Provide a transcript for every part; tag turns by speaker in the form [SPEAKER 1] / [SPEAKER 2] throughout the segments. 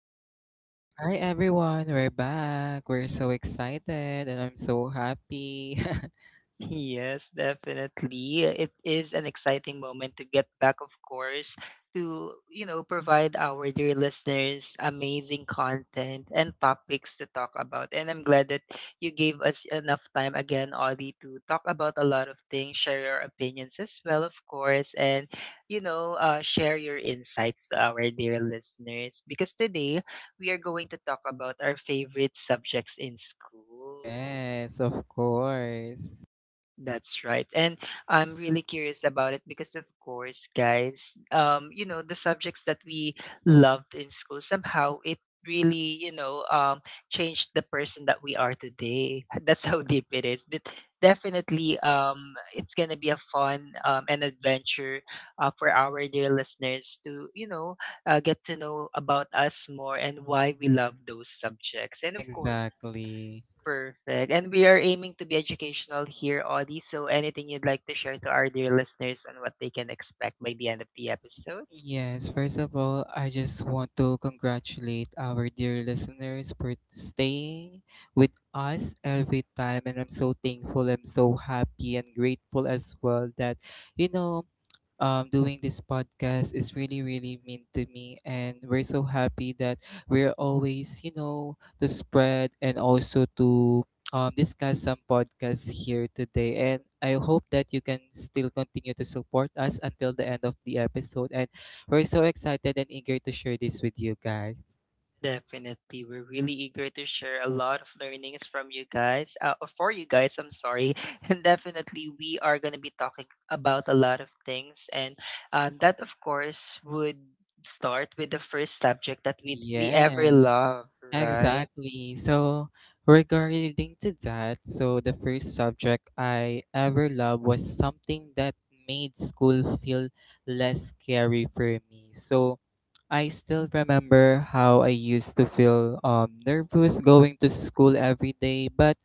[SPEAKER 1] Audie.
[SPEAKER 2] Hi everyone, we're back. We're so excited and I'm so happy.
[SPEAKER 1] Yes, definitely. It is an exciting moment to get back, of course, to, provide our dear listeners amazing content and topics to talk about. And I'm glad that you gave us enough time again, Audie, to talk about a lot of things, share your opinions as well, of course, and, share your insights to our dear listeners. Because today we are going to talk about our favorite subjects in school.
[SPEAKER 2] Yes, of course.
[SPEAKER 1] That's right. And I'm really curious about it because of course, guys, the subjects that we loved in school, somehow it really, changed the person that we are today. That's how deep it is. But definitely it's gonna be a fun an adventure for our dear listeners to, get to know about us more and why we love those subjects. And of course.
[SPEAKER 2] Exactly.
[SPEAKER 1] Perfect. And we are aiming to be educational here, Audie. So anything you'd like to share to our dear listeners and what they can expect by the end of the episode?
[SPEAKER 2] Yes, first of all, I just want to congratulate our dear listeners for staying with us every time, and I'm so thankful, I'm so happy and grateful as well that you know doing this podcast is really, really mean to me. And we're so happy that we're always, you know, to spread and also to discuss some podcasts here today. And I hope that you can still continue to support us until the end of the episode. And we're so excited and eager to share this with you guys.
[SPEAKER 1] Definitely. We're really eager to share a lot of learnings from you guys, for you guys, I'm sorry. And definitely, we are going to be talking about a lot of things. And that, of course, would start with the first subject that we
[SPEAKER 2] Yeah.
[SPEAKER 1] ever love, right?
[SPEAKER 2] Exactly. So, regarding to that, so the first subject I ever loved was something that made school feel less scary for me. So, I still remember how I used to feel nervous going to school every day, but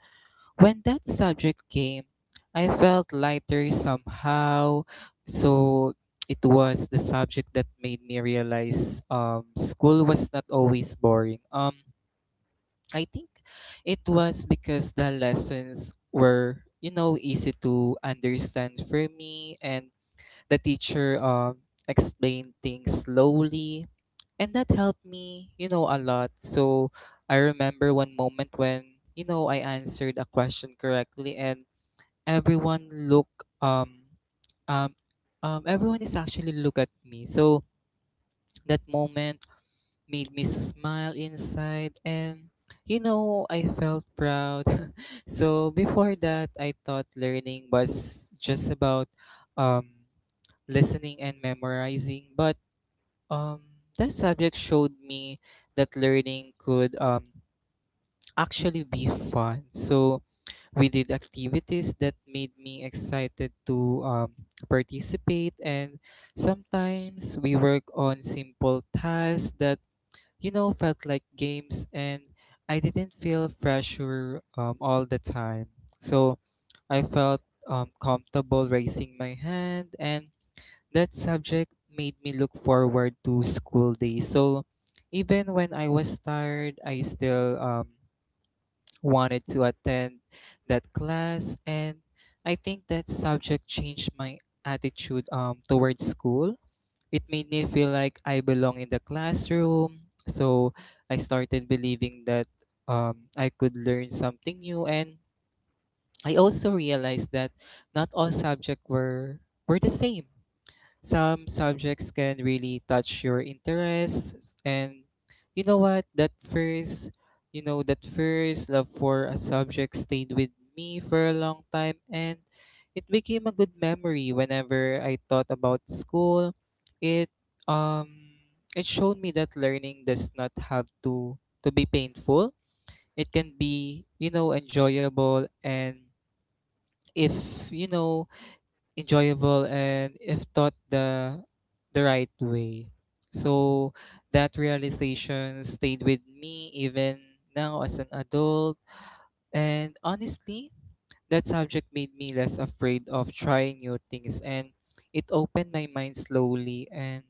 [SPEAKER 2] when that subject came, I felt lighter somehow. So, it was the subject that made me realize school was not always boring. I think it was because the lessons were, you know, easy to understand for me, and the teacher explained things slowly, and that helped me, you know, a lot. So I remember one moment when you know I answered a question correctly, and everyone look um um everyone is actually look at me. So that moment made me smile inside, and you know I felt proud. So before that I thought learning was just about um listening and memorizing, but um that subject showed me that learning could actually be fun. So we did activities that made me excited to participate, and sometimes we work on simple tasks that, you know, felt like games, and I didn't feel pressure all the time. So I felt comfortable raising my hand, and that subject made me look forward to school days. So even when I was tired, I still wanted to attend that class, and I think that subject changed my attitude towards school. It made me feel like I belong in the classroom. So I started believing that I could learn something new. And I also realized that not all subjects were the same. Some subjects can really touch your interests, and you know what, that first you know, that first love for a subject stayed with me for a long time, and it became a good memory whenever I thought about school. it um it showed me that learning does not have to be painful. It can be, you know, enjoyable, and if you know enjoyable and if taught the right way. So that realization stayed with me even now as an adult. And honestly, that subject made me less afraid of trying new things, and it opened my mind slowly, and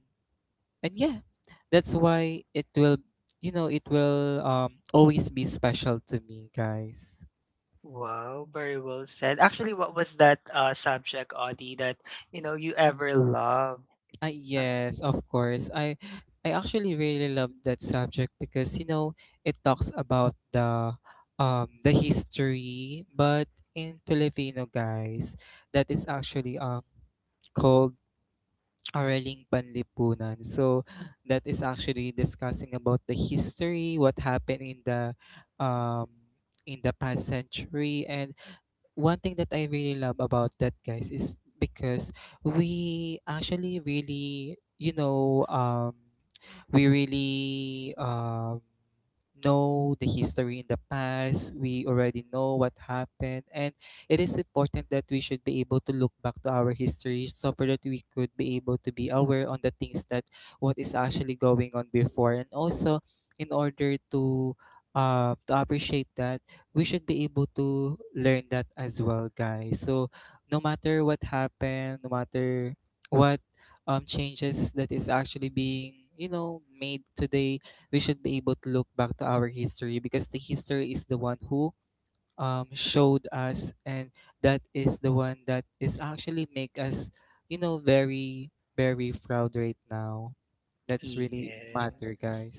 [SPEAKER 2] yeah, that's why it will, you know, it will always be special to me, guys.
[SPEAKER 1] Wow, very well said. Actually, what was that subject, Audie, that you ever loved? Uh,
[SPEAKER 2] Yes, of course. I actually really love that subject because, you know, it talks about the history, but in Filipino, guys, that is actually called Araling Panlipunan. So that is actually discussing about the history, what happened um in the past century. And one thing that I really love about that, guys, is because we actually really, we really know the history. In the past we already know what happened, and it is important that we should be able to look back to our history, so for that we could be able to be aware on the things that what is actually going on before. And also, in order to appreciate that, we should be able to learn that as well, guys. So no matter what happened, no matter what changes that is actually being, you know, made today, we should be able to look back to our history, because the history is the one who showed us, and that is the one that is actually make us, you know, very, very proud right now. That's really matter,
[SPEAKER 1] yes.
[SPEAKER 2] guys.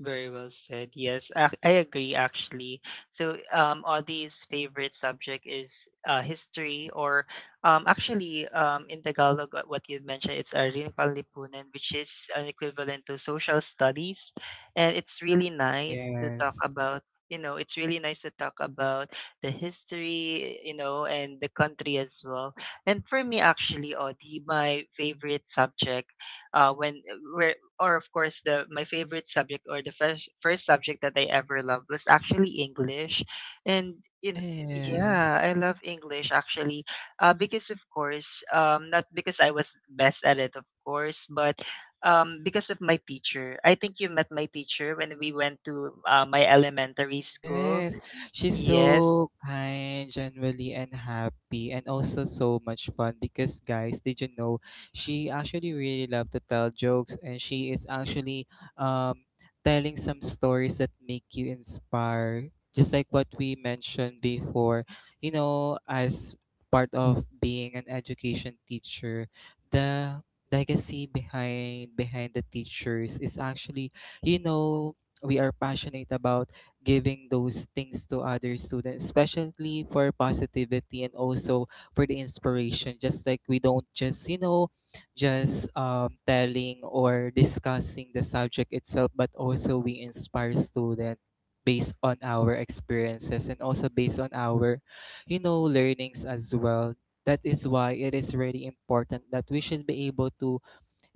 [SPEAKER 1] Very well said. Yes, I agree actually. So, Audie's favorite subject is history, or actually, in Tagalog, what you mentioned, it's Arin Panlipunan, which is an equivalent to social studies. And it's really nice to talk
[SPEAKER 2] Yes.
[SPEAKER 1] about, it's really nice to talk about the history, and the country as well. And for me, actually, Audie, my favorite subject when where or of course the my favorite subject or the first subject that I ever loved was actually English, and in
[SPEAKER 2] Yes.
[SPEAKER 1] yeah, I love English actually, because of course, not because I was best at it, of course, but because of my teacher. I think you met my teacher when we went to my elementary school.
[SPEAKER 2] Yes, she's
[SPEAKER 1] Yes.
[SPEAKER 2] so kind, genuinely, and happy, and also so much fun because, guys, did you know she actually really loved to tell jokes, and she is actually um, telling some stories that make you inspire, just like what we mentioned before. You know, as part of being an education teacher, the legacy behind the teachers is actually, you know, we are passionate about giving those things to other students, especially for positivity and also for the inspiration. Just like we don't just, you know, just telling or discussing the subject itself, but also we inspire students based on our experiences and also based on our, you know, learnings as well. That is why it is really important that we should be able to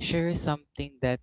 [SPEAKER 2] share something that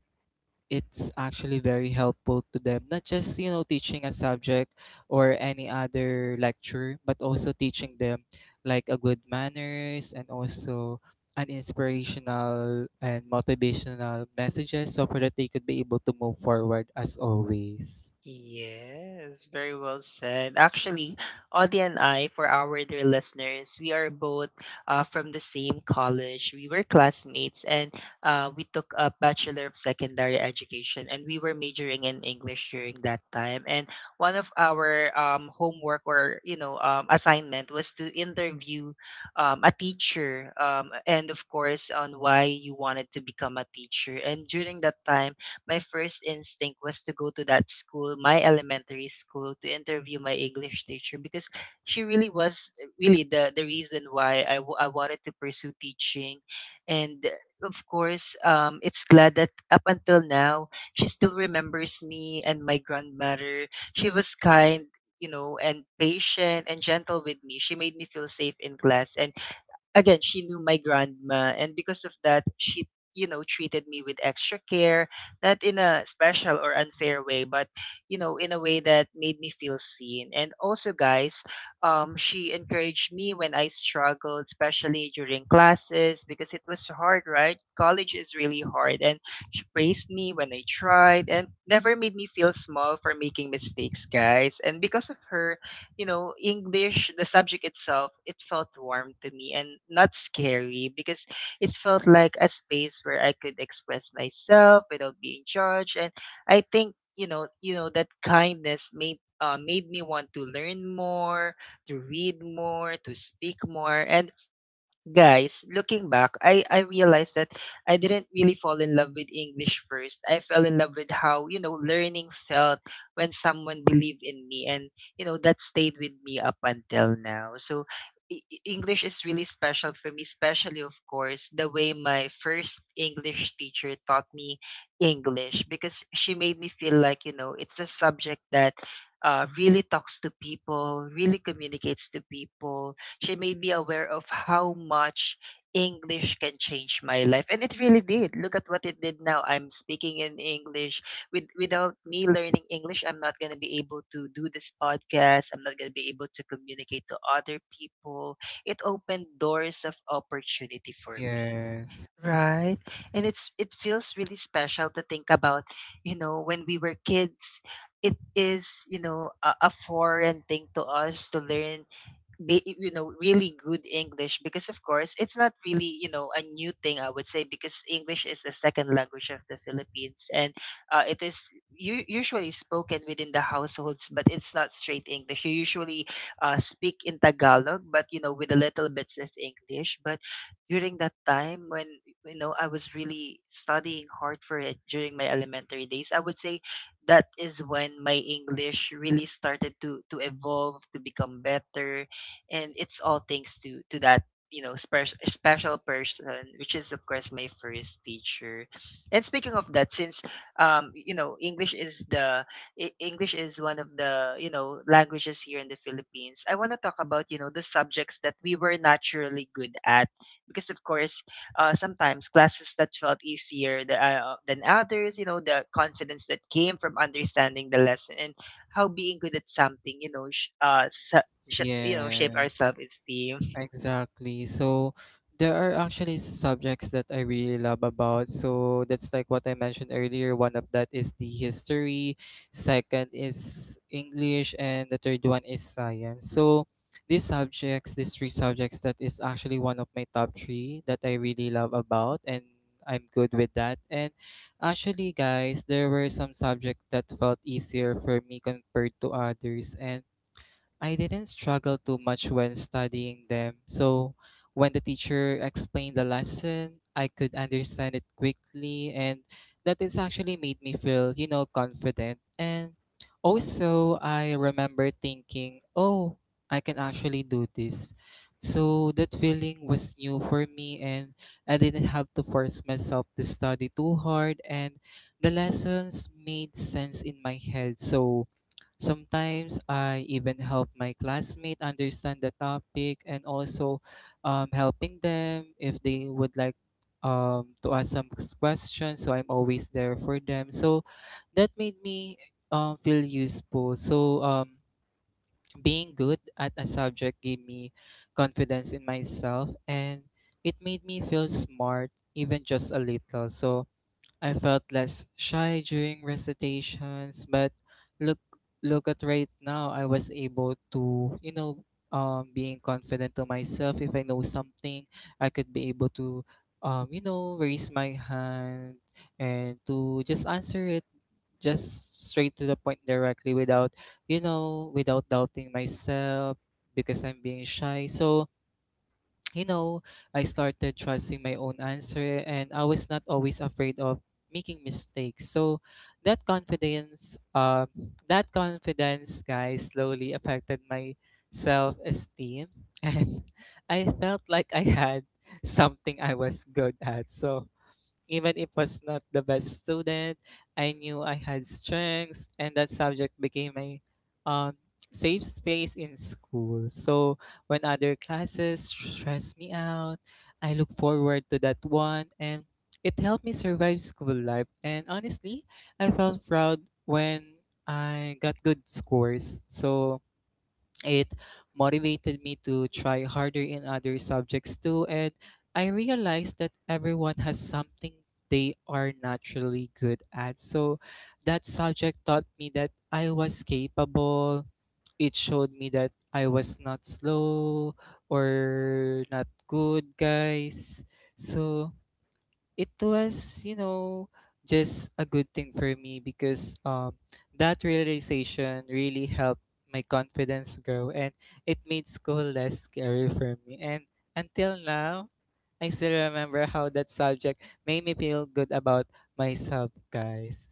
[SPEAKER 2] it's actually very helpful to them, not just, you know, teaching a subject or any other lecture, but also teaching them like a good manners and also an inspirational and motivational messages, so for that they could be able to move forward as always.
[SPEAKER 1] Yes, very well said. Actually, Audie and I, for our dear listeners, we are both from the same college. We were classmates and we took a Bachelor of Secondary Education and we were majoring in English during that time. And one of our homework or, assignment was to interview a teacher and, of course, on why you wanted to become a teacher. And during that time, my first instinct was to go to that school, my elementary school, to interview my English teacher because she really was really the reason why I wanted to pursue teaching. And of course, it's glad that up until now, she still remembers me and my grandmother. She was kind, and patient and gentle with me. She made me feel safe in class and again, she knew my grandma, and because of that, she treated me with extra care, not in a special or unfair way, but in a way that made me feel seen. And also, guys, she encouraged me when I struggled, especially during classes, because it was hard, right? College is really hard, and she praised me when I tried, and never made me feel small for making mistakes, guys. And because of her, English, the subject itself, it felt warm to me and not scary because it felt like a space where I could express myself without being judged. And I think, that kindness made made me want to learn more, to read more, to speak more, and guys, looking back, I realized that I didn't really fall in love with English first. I fell in love with how, learning felt when someone believed in me and, that stayed with me up until now. So English is really special for me, especially, of course, the way my first English teacher taught me English because she made me feel like, it's a subject that really talks to people, really communicates to people. She made me aware of how much English can change my life. And it really did. Look at what it did now. I'm speaking in English. Without me learning English, I'm not going to be able to do this podcast. I'm not going to be able to communicate to other people. It opened doors of opportunity for me.
[SPEAKER 2] Yes.
[SPEAKER 1] Right. And it feels really special to think about, when we were kids, it is, a foreign thing to us to learn really good English because of course it's not really a new thing I would say because English is the second language of the Philippines, and it is usually spoken within the households, but it's not straight English. You usually speak in Tagalog but with a little bits of English. But during that time when I was really studying hard for it during my elementary days, I would say that is when my English really started to evolve to become better, and it's all thanks to that special special person, which is of course my first teacher. And speaking of that, since um you know english is the English is one of the languages here in the Philippines, I want to talk about the subjects that we were naturally good at because of course sometimes classes that felt easier than others, the confidence that came from understanding the lesson and how being good at something shape our
[SPEAKER 2] Yes.
[SPEAKER 1] self-esteem.
[SPEAKER 2] Exactly. So there are actually subjects that I really love about. So that's like what I mentioned earlier. One of that is the history, second is English, and the third one is science. So these subjects, these three subjects, that is actually one of my top three that I really love about, and I'm good with that. And actually, guys, there were some subjects that felt easier for me compared to others, and I didn't struggle too much when studying them. So when the teacher explained the lesson, I could understand it quickly, and that is actually made me feel, you know, confident. And also, I remember thinking, oh, I can actually do this. So that feeling was new for me, and I didn't have to force myself to study too hard, and the lessons made sense in my head. So sometimes I even help my classmate understand the topic, and also helping them if they would like to ask some questions. So I'm always there for them. So that made me feel useful. So being good at a subject gave me confidence in myself, and it made me feel smart even just a little. So I felt less shy during recitations, but look look at right now, I was able to, you know, being confident to myself. If I know something, I could be able to you know, raise my hand and to just answer it just straight to the point directly without, you know, without doubting myself because I'm being shy. So, you know, I started trusting my own answer, and I was not always afraid of making mistakes. So that confidence, guys, slowly affected my self esteem, and I felt like I had something I was good at. So even if was not the best student, I knew I had strengths, and that subject became my um, safe space in school. So when other classes stress me out, I look forward to that one, and it helped me survive school life. And honestly, I felt proud when I got good scores. So it motivated me to try harder in other subjects too, and I realized that everyone has something they are naturally good at. So that subject taught me that I was capable. It showed me that I was not slow or not good, guys. So it was, you know, just a good thing for me because that realization really helped my confidence grow, and it made school less scary for me, and until now I still remember how that subject made me feel good about myself, guys.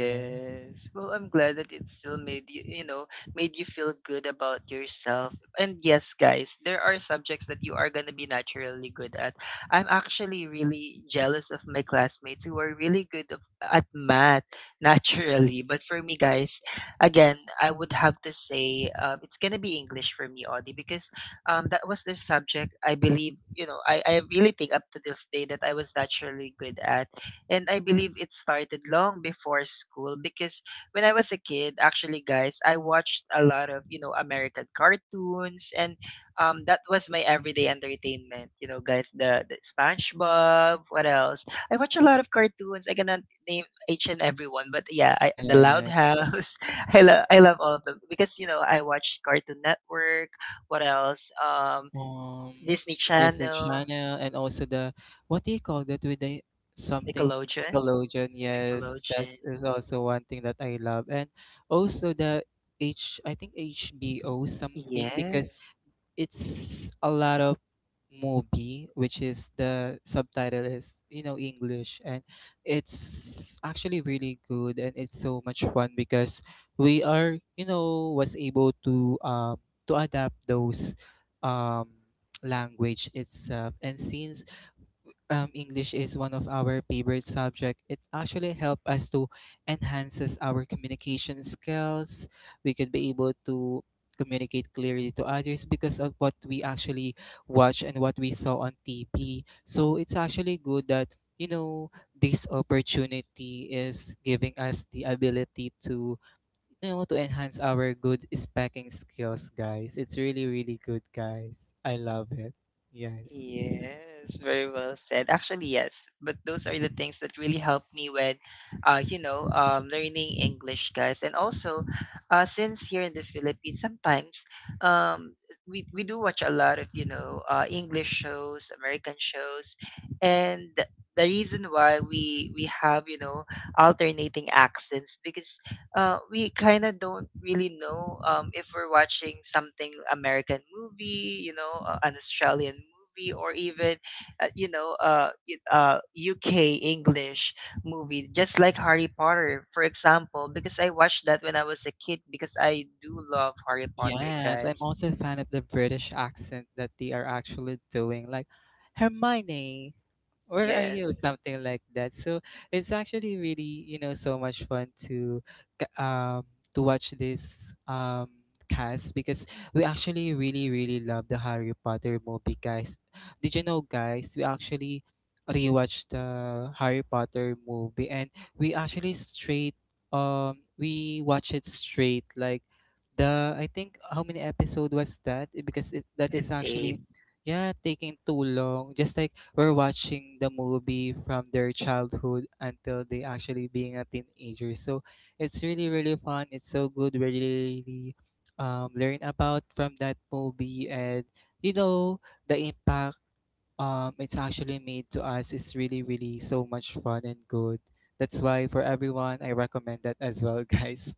[SPEAKER 2] Yeah.
[SPEAKER 1] Well, I'm glad that it still made you, made you feel good about yourself. And yes, guys, there are subjects that you are going to be naturally good at. I'm actually really jealous of my classmates who are really good at math naturally. But for me, guys, again, I would have to say it's going to be English for me, Audie, because that was the subject I believe, I really think up to this day that I was naturally good at. And I believe it started long before school because when I was a kid, actually, guys, I watched a lot of, American cartoons and that was my everyday entertainment. You know, guys, the SpongeBob, what else? I watch a lot of cartoons. I cannot name each and every one, but yeah, I, The Loud
[SPEAKER 2] Yeah.
[SPEAKER 1] House. I love all of them because, I watched Cartoon Network. What else?
[SPEAKER 2] um
[SPEAKER 1] Disney
[SPEAKER 2] Disney
[SPEAKER 1] Channel,
[SPEAKER 2] Channel, and also the what do you call that with the something.
[SPEAKER 1] Nickelodeon.
[SPEAKER 2] Nickelodeon, yes, that
[SPEAKER 1] Nickelodeon.
[SPEAKER 2] is also one thing that I love, and also the H, I think HBO something, because
[SPEAKER 1] Yes.
[SPEAKER 2] it's a lot of movie which is the subtitle is, you know, English, and it's actually really good, and it's so much fun because we are, you know, was able to adapt those um language itself. And since English is one of our favorite subject, it actually help us to enhances our communication skills. We could be able to communicate clearly to others because of what we actually watch and what we saw on TV. So it's actually good that, you know, this opportunity is giving us the ability to, you know, to enhance our good speaking skills, guys. It's really, really good, guys. I love it. Yes.
[SPEAKER 1] Yes, very well said. Actually, yes, but those are the things that really helped me when, learning English, guys. And also, since here in the Philippines, sometimes, um, we do watch a lot of English shows, American shows, and the reason why we have alternating accents because we kind of don't really know if we're watching something American movie, an Australian movie, or even, UK English movie, just like Harry Potter, for example, because I watched that when I was a kid because I do love Harry Potter,
[SPEAKER 2] Yes, I'm
[SPEAKER 1] guys.
[SPEAKER 2] also a fan of the British accent that they are actually doing. Like, Hermione, where are
[SPEAKER 1] Yes,
[SPEAKER 2] you something like that, so it's actually really, you know, so much fun to c- um to watch this cast because we actually really love the Harry Potter movie, guys. Did you know, guys, we actually rewatched the Harry Potter movie, and we actually straight, we watch it straight like, the I think how many episode was that because that is
[SPEAKER 1] it's
[SPEAKER 2] actually,
[SPEAKER 1] eight.
[SPEAKER 2] yeah, taking too long, just like were watching the movie from their childhood until they actually being a teenager. So it's really really fun. It's so good. We really, learn about from that movie, and, you know, the impact, it's actually made to us is really really so much fun and good. That's why for everyone I recommend that as well, guys.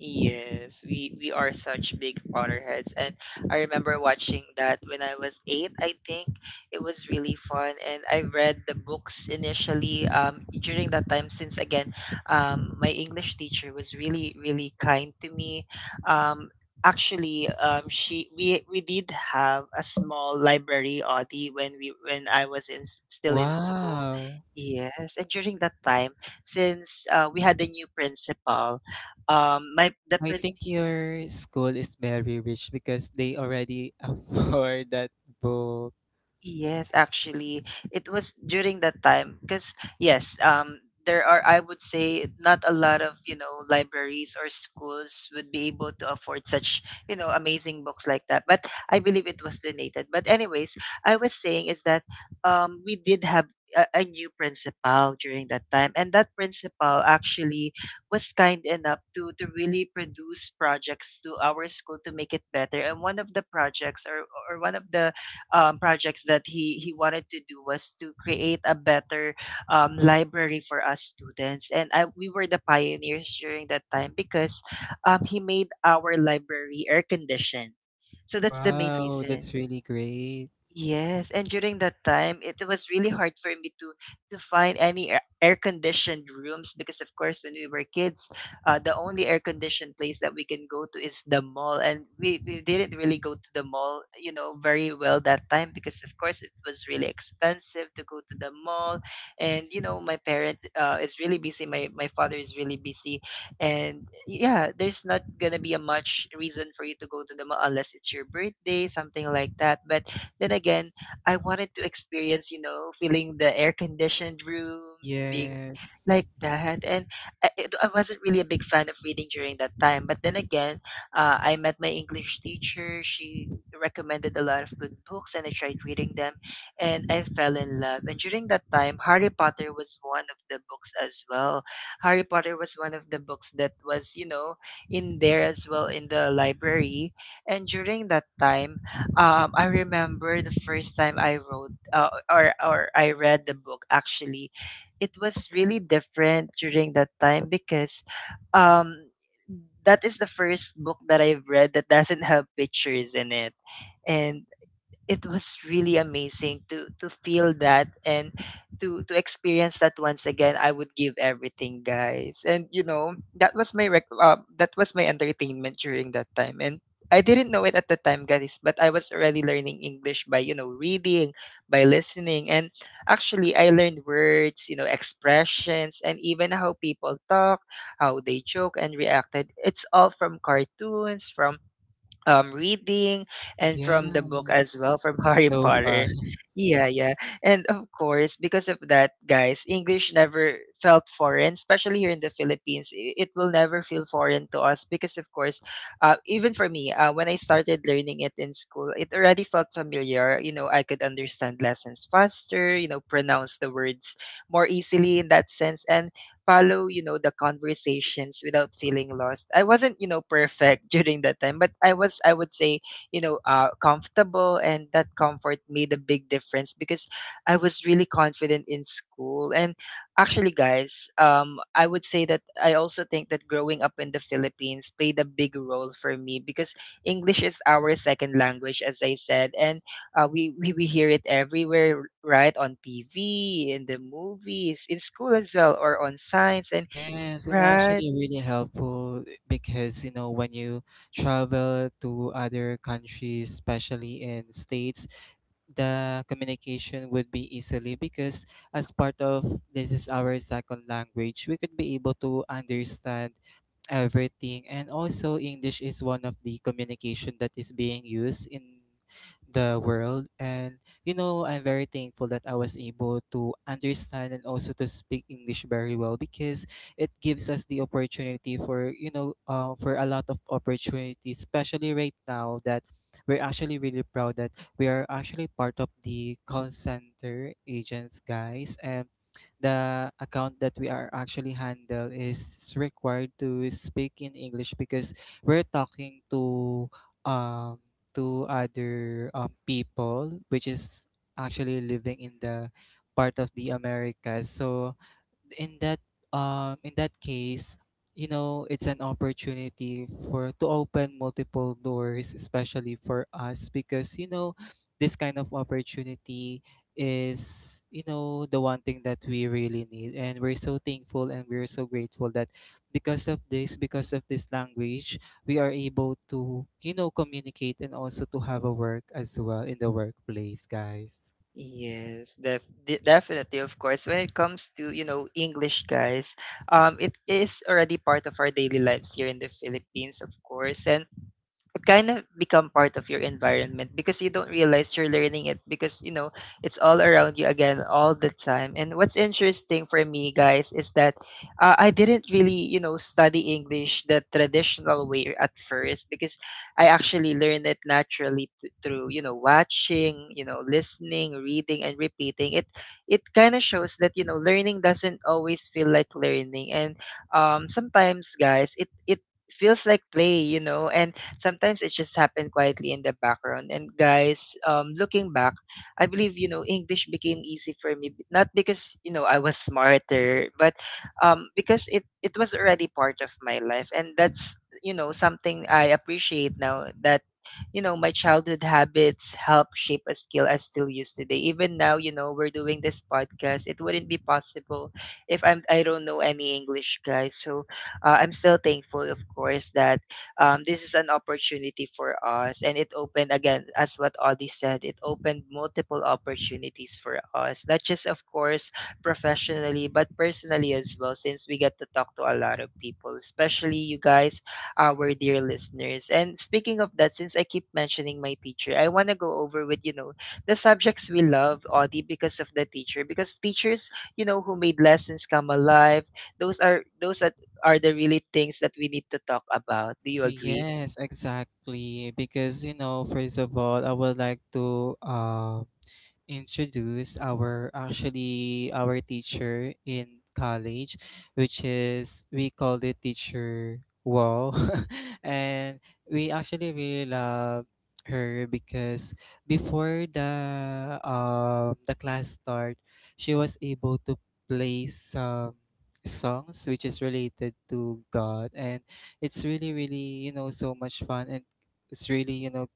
[SPEAKER 1] Yes, we are such big Potterheads, and I remember watching that when I was eight. I think it was really fun, and I read the books initially. During that time, since again, my English teacher was really really kind to me. Um, Actually, she we did have a small library, Audi, when we when I was still in school.
[SPEAKER 2] Wow.
[SPEAKER 1] Yes, and during that time, since we had a new principal, my the
[SPEAKER 2] I
[SPEAKER 1] pres.
[SPEAKER 2] think your school is very rich because they already afford that book.
[SPEAKER 1] Yes, actually, it was during that time because yes, there are I would say not a lot of libraries or schools would be able to afford such amazing books like that. But I believe it was donated. But anyways, I was saying is that we did have a new principal during that time, and that principal actually was kind enough to really produce projects to our school to make it better. And one of the projects or one of the projects that he wanted to do was to create a better library for us students, and I, we were the pioneers during that time because he made our library air conditioned. So that's the main
[SPEAKER 2] Wow,
[SPEAKER 1] reason.
[SPEAKER 2] that's really great.
[SPEAKER 1] Yes, and during that time, it was really hard for me to find any air- conditioned rooms because, of course, when we were kids, the only air-conditioned place that we can go to is the mall, and we didn't really go to the mall, you know, very well that time because, of course, it was really expensive to go to the mall, and you know, my parent is really busy. My father is really busy, and yeah, there's not gonna be a much reason for you to go to the mall unless it's your birthday, something like that, but then again, I wanted to experience, you know, feeling the air conditioned room, being
[SPEAKER 2] Yes.
[SPEAKER 1] like that. And I, I wasn't really a big fan of reading during that time. But then again, I met my English teacher. She recommended a lot of good books, and I tried reading them, and I fell in love. And during that time, Harry Potter was one of the books as well. Harry Potter was one of the books that was, you know, in there as well in the library. And during that time, I remember the first time I wrote or I read the book. Actually, it was really different during that time because um, that is the first book that I've read that doesn't have pictures in it. And it was really amazing to feel that and to experience that once again. I would give everything, guys, and you know that was my that was my entertainment during that time. And I didn't know it at the time, guys, but I was already learning English by, you know, reading, by listening. And actually I learned words, you know, expressions, and even how people talk, how they joke and reacted. It's all from cartoons, from reading and
[SPEAKER 2] Yeah,
[SPEAKER 1] from the book as well, from Harry
[SPEAKER 2] so far.
[SPEAKER 1] Potter. Yeah, yeah. And of course, because of that, guys, English never felt foreign, especially here in the Philippines. It will never feel foreign to us because of course, even for me, when I started learning it in school, it already felt familiar. You know, I could understand lessons faster, you know, pronounce the words more easily in that sense and follow, you know, the conversations without feeling lost. I wasn't, you know, perfect during that time, but I was, I would say, you know, comfortable, and that comfort made a big difference because I was really confident in school. And actually, guys, I would say that I also think that growing up in the Philippines played a big role for me because English is our second language, as I said, and we, we hear it everywhere, right? On TV, in the movies, in school as well, or on signs, and
[SPEAKER 2] Yes, and
[SPEAKER 1] right.
[SPEAKER 2] actually really helpful because, you know, when you travel to other countries, especially in states, the communication would be easily because as part of this is our second language, we could be able to understand everything, and also English is one of the communication that is being used in the world. And, you know, I'm very thankful that I was able to understand and also to speak English very well because it gives us the opportunity for, you know, for a lot of opportunities, especially right now that we're actually really proud that we are actually part of the call center agents, guys. And the account that we are actually handle is required to speak in English because we're talking to, um to other people which is actually living in the part of the Americas. So in that, in that case, you know, it's an opportunity for to open multiple doors, especially for us, because, you know, this kind of opportunity is, you know, the one thing that we really need, and we're so thankful and we're so grateful that because of this, because of this language, we are able to, you know, communicate and also to have a work as well in the workplace, guys.
[SPEAKER 1] Yes, def de definitely, of course. When it comes to, you know, English, guys, it is already part of our daily lives here in the Philippines, of course. And it kind of become part of your environment because you don't realize you're learning it because you know it's all around you again all the time. And what's interesting for me, guys, is that I didn't really, you know, study English the traditional way at first because I actually learn it naturally through, you know, watching, you know, listening, reading, and repeating. It kind of shows that you know learning doesn't always feel like learning, and sometimes, guys, it feels like play, you know, and sometimes it just happened quietly in the background. And guys, looking back, I believe you know English became easy for me, not because you know I was smarter, but because it was already part of my life, and that's you know something I appreciate now that you know my childhood habits help shape a skill I still use today. Even now, you know, we're doing this podcast. It wouldn't be possible if I don't know any English, guys, so I'm still thankful, of course, that this is an opportunity for us, and it opened, again, as what Audie said, it opened multiple opportunities for us, not just of course professionally, but personally as well, since we get to talk to a lot of people, especially you guys, our dear listeners. And speaking of that, since I keep mentioning my teacher, I want to go over with, you know, the subjects we love, Audie, because of the teacher. Because teachers, you know, who made lessons come alive, those are are the really things that we need to talk about. Do you agree?
[SPEAKER 2] Yes, exactly. Because, you know, first of all, I would like to introduce our actually our teacher in college, which is we called it teacher Wow, and we actually really love her because before the, the class start, she was able to play some songs which is related to God, and it's really really, you know, so much fun. And it's really, you know,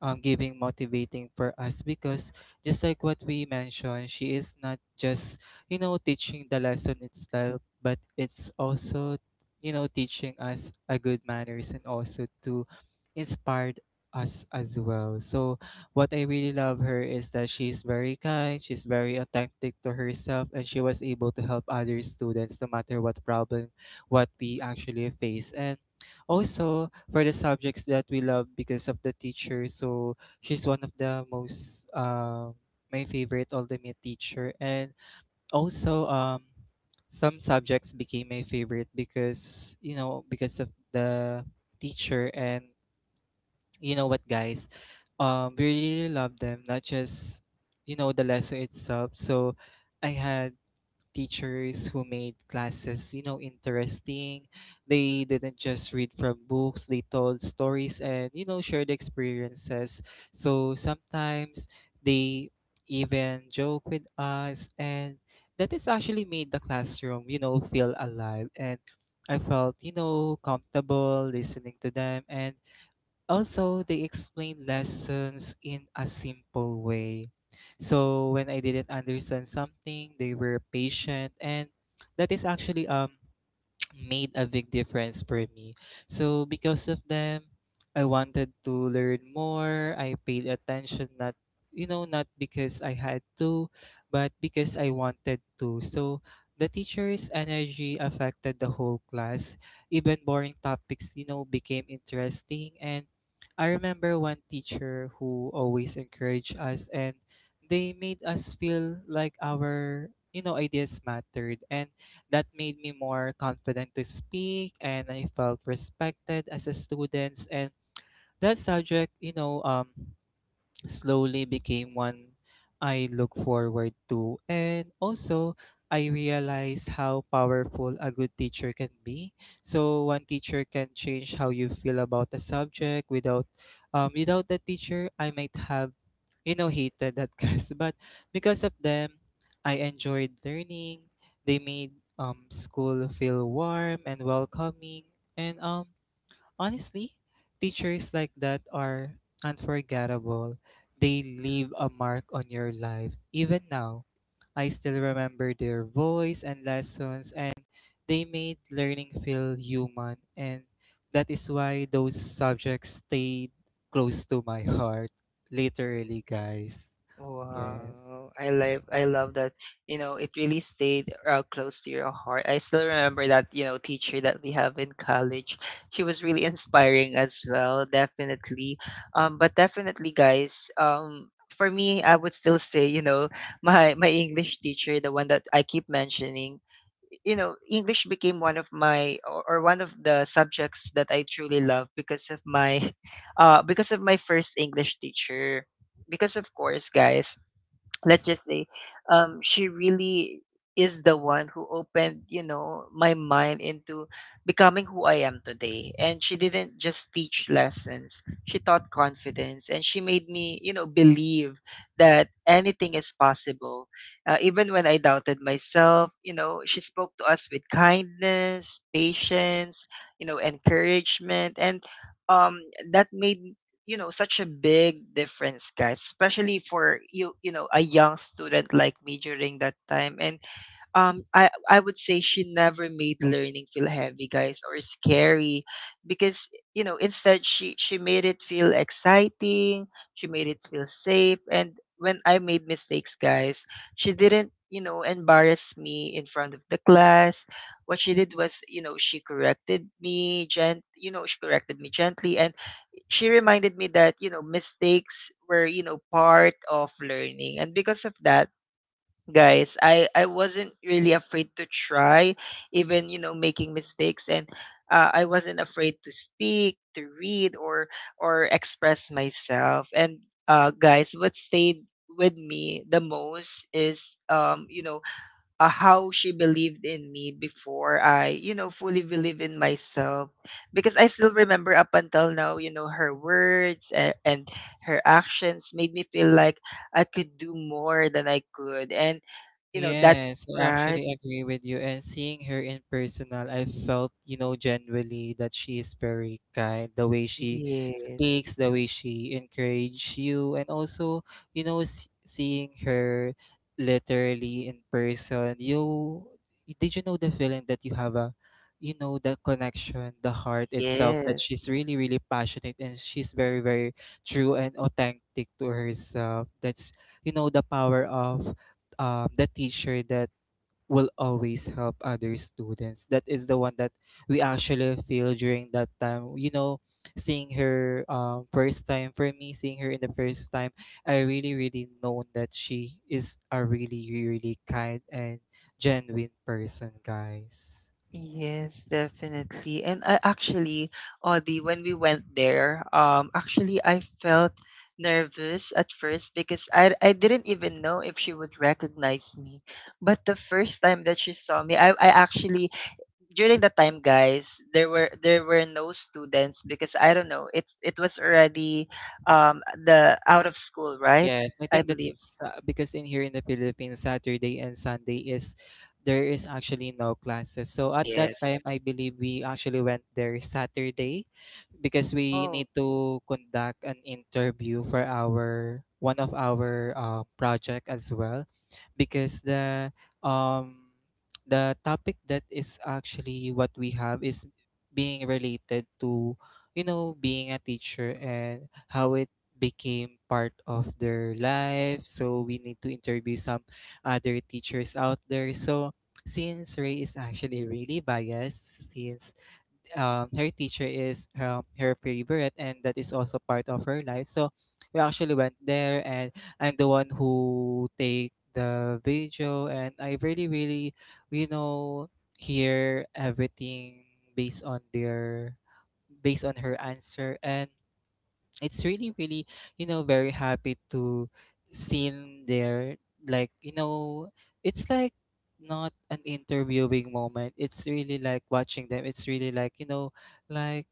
[SPEAKER 2] giving motivating for us because just like what we mentioned, she is not just, you know, teaching the lesson itself, but it's also, you know, teaching us a good manners and also to inspire us as well. So what I really love her is that she's very kind, she's very authentic to herself, and she was able to help other students no matter what problem what we actually face. And also for the subjects that we love because of the teacher. So she's one of the most, my favorite ultimate teacher, and also, some subjects became my favorite because, you know, because of the teacher. And you know what, guys, we really love them, not just, you know, the lesson itself. So I had teachers who made classes, you know, interesting. They didn't just read from books, they told stories and, you know, shared experiences. So sometimes they even joke with us, and that is actually made the classroom, you know, feel alive, and I felt, you know, comfortable listening to them. And also, they explained lessons in a simple way. So when I didn't understand something, they were patient, and that is actually, made a big difference for me. So because of them, I wanted to learn more. I paid attention, not, you know, not because I had to, but because I wanted to. So the teacher's energy affected the whole class. Even boring topics, you know, became interesting, and I remember one teacher who always encouraged us, and they made us feel like our, you know, ideas mattered, and that made me more confident to speak, and I felt respected as a student. And that subject, you know, slowly became one I look forward to. And also, I realized how powerful a good teacher can be. So one teacher can change how you feel about a subject. Without, without the teacher, I might have, you know, hated that class. But because of them, I enjoyed learning. They made school feel warm and welcoming. And honestly, teachers like that are unforgettable. They leave a mark on your life. Even now, I still remember their voice and lessons, and they made learning feel human. And that is why those subjects stayed close to my heart. Literally, guys. Yes.
[SPEAKER 1] Wow, I love that. You know, it really stayed close to your heart. I still remember that, you know, teacher that we have in college. She was really inspiring as well, definitely. But definitely, guys, for me, I would still say, you know, my English teacher, the one that I keep mentioning, you know, English became one of my or one of the subjects that I truly love because of my because of my first English teacher, because of course guys, let's just say she really is the one who opened you know my mind into becoming who I am today. And she didn't just teach lessons, she taught confidence, and she made me, you know, believe that anything is possible, even when I doubted myself. You know, she spoke to us with kindness, patience, you know, encouragement, and um that made you know such a big difference, guys, especially for you, you know, a young student like me during that time. And I would say she never made learning feel heavy, guys, or scary, because you know instead she made it feel exciting, she made it feel safe. And when I made mistakes, guys, she didn't you know embarrass me in front of the class. What she did was, you know, she corrected me gent you know, she corrected me gently, and she reminded me that you know mistakes were, you know, part of learning. And because of that, guys, I wasn't really afraid to try, even you know making mistakes. And I wasn't afraid to speak, to read, or express myself. And guys, what stayed with me the most is you know how she believed in me before I, you know, fully believe in myself. Because I still remember up until now, you know, her words, and her actions made me feel like I could do more than I could. And, you know, that,
[SPEAKER 2] Yes, I
[SPEAKER 1] right?
[SPEAKER 2] actually agree with you. And seeing her in personal, I felt, you know, genuinely that she is very kind. The way she
[SPEAKER 1] Yes.
[SPEAKER 2] speaks, the way she encourages you, and also, you know, seeing her literally in person, you did you know the feeling that you have a, you know, the connection, the heart itself, that
[SPEAKER 1] Yes.
[SPEAKER 2] she's really, really passionate, and she's very, very true and authentic to herself. That's, you know, the power of, the teacher that will always help other students. That is the one that we actually feel during that time. You know, seeing her, first time for me, seeing her in the first time, I really, really know that she is a really, really really kind and genuine person, guys.
[SPEAKER 1] Yes, definitely. And I actually, Audie, when we went there, actually I felt nervous at first because I didn't even know if she would recognize me. But the first time that she saw me, I actually during that time, guys, there were no students because I don't know, it was already the out of school, right?
[SPEAKER 2] Yes, I
[SPEAKER 1] I
[SPEAKER 2] think
[SPEAKER 1] believe.
[SPEAKER 2] that's because in here in the Philippines, Saturday and Sunday is there is actually no classes. So at that
[SPEAKER 1] Yes.
[SPEAKER 2] time, I believe we actually went there Saturday because we
[SPEAKER 1] Oh.
[SPEAKER 2] need to conduct an interview for our one of our project as well because the, um the topic that is actually what we have is being related to, you know, being a teacher and how it became part of their life. So we need to interview some other teachers out there. So since Ray is actually really biased, since her teacher is her favorite, and that is also part of her life. So we actually went there, and I'm the one who take the video, and I really really, you know, hear everything based on their, based on her answer, and it's really really, you know, very happy to see him there, like, you know, it's like not an interviewing moment, it's really like watching them, it's really like, you know, like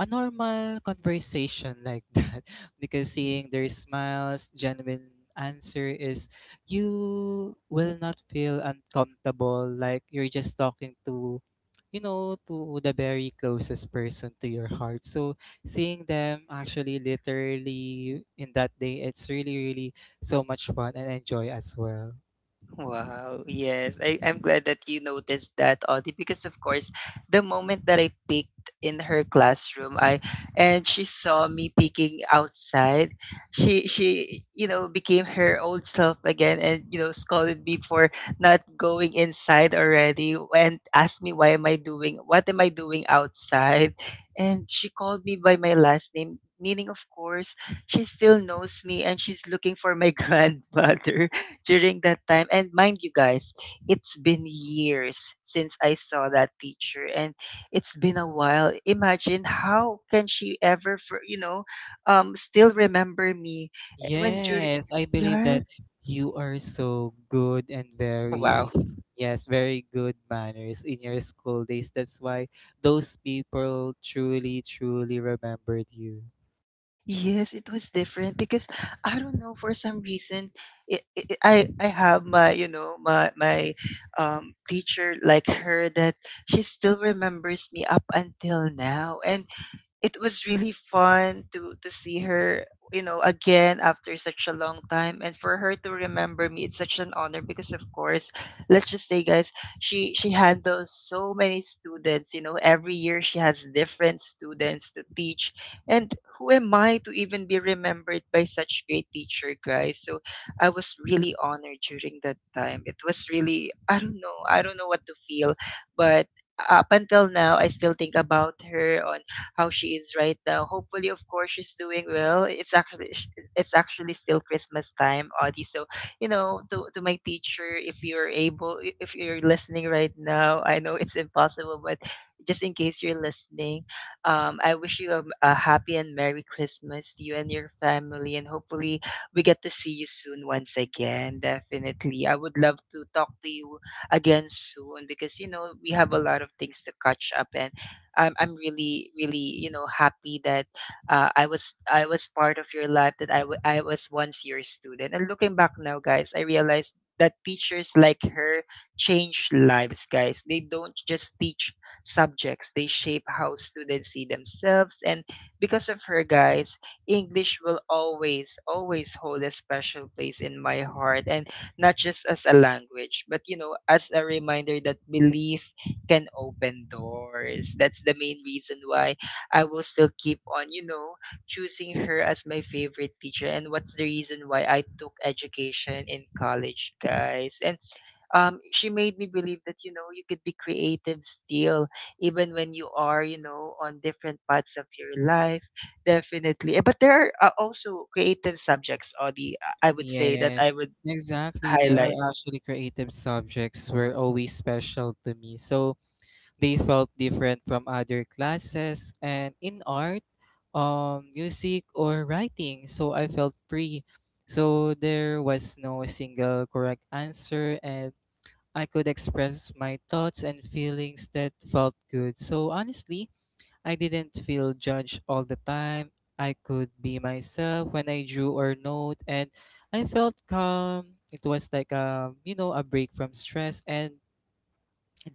[SPEAKER 2] a normal conversation like that, because seeing their smiles genuine answer is you will not feel uncomfortable like you're just talking to, you know, to the very closest person to your heart. So seeing them actually literally in that day, it's really really so much fun and enjoy as well.
[SPEAKER 1] Wow. Yes. I'm glad that you noticed that, Audie, because of course, the moment that I peeked in her classroom, I and she saw me peeking outside, she, you know, became her old self again, and you know, scolded me for not going inside already and asked me why am I doing, what am I doing outside? And she called me by my last name. Meaning, of course, she still knows me, and she's looking for my grandmother during that time. And mind you, guys, it's been years since I saw that teacher and it's been a while. Imagine how can she ever for you know still remember me, eh, when during
[SPEAKER 2] Yes, I believe
[SPEAKER 1] right?
[SPEAKER 2] that you are so good and
[SPEAKER 1] Oh wow.
[SPEAKER 2] very, yes, very good manners in your school days. That's why those people truly, truly remembered you.
[SPEAKER 1] Yes, it was different because I don't know, for some reason it, it, I have my my teacher like her that she still remembers me up until now. And it was really fun to see her, you know, again after such a long time, and for her to remember me, it's such an honor. Because of course, let's just say guys, she handles so many students. You know, every year she has different students to teach, and who am I to even be remembered by such great teacher, guys? So I was really honored during that time. It was really, I don't know, what to feel. But up until now, I still think about her, on how she is right now. Hopefully, of course, she's doing well. It's actually still Christmas time, Audie. So you know, to my teacher, if you're able, if you're listening right now, I know it's impossible, but just in case you're listening, I wish you a happy and merry Christmas to you and your family, and hopefully we get to see you soon once again. Definitely, I would love to talk to you again soon, because you know, we have a lot of things to catch up. And I'm really, really, you know, happy that I was part of your life, that I was once your student. And looking back now, guys, I realized that teachers like her change lives, guys. They don't just teach subjects, they shape how students see themselves. And because of her, guys, English will always, always hold a special place in my heart, and not just as a language, but you know, as a reminder that belief can open doors. That's the main reason why I will still keep on, you know, choosing her as my favorite teacher. And what's the reason why I took education in college, guys? And she made me believe that you know, you could be creative still even when you are, you know, on different parts of your life. Definitely. Eh, but there are also creative subjects, Audie. I would say that I
[SPEAKER 2] Yes,
[SPEAKER 1] would
[SPEAKER 2] exactly. They are
[SPEAKER 1] highlight.
[SPEAKER 2] actually creative subjects were always special to me. So they felt different from other classes, and in art, music or writing, so I felt free, so there was no single correct answer, and I could express my thoughts and feelings that felt good. So honestly, I didn't feel judged all the time. I could be myself when I drew or note, and I felt calm. It was like a, you know, a break from stress, and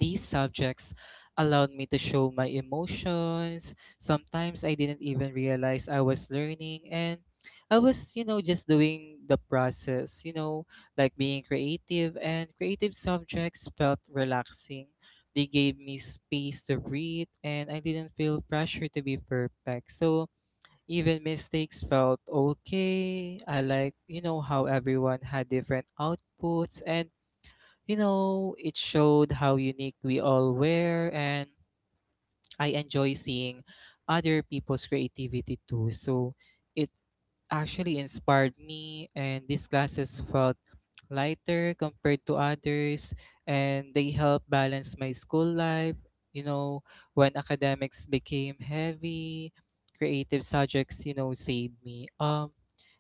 [SPEAKER 2] these subjects allowed me to show my emotions. Sometimes I didn't even realize I was learning, and I was, you know, just doing the process, you know, like being creative, and creative subjects felt relaxing. They gave me space to breathe, and I didn't feel pressure to be perfect. So even mistakes felt okay. I like, you know, how everyone had different outputs and, you know, it showed how unique we all were, and I enjoy seeing other people's creativity too. So it actually inspired me, and these classes felt lighter compared to others, and they helped balance my school life. You know, when academics became heavy, creative subjects, you know, saved me.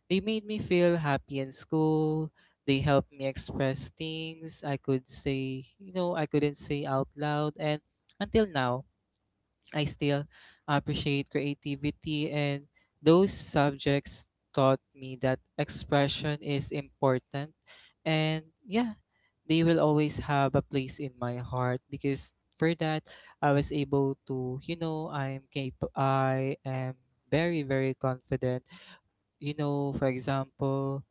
[SPEAKER 2] They made me feel happy in school. They helped me express things I could say, you know, I couldn't say out loud. And until now, I still appreciate creativity, and those subjects taught me that expression is important. And yeah, they will always have a place in my heart because for that, I was able to, you know, I'm capable, I am very, very confident, you know, for example,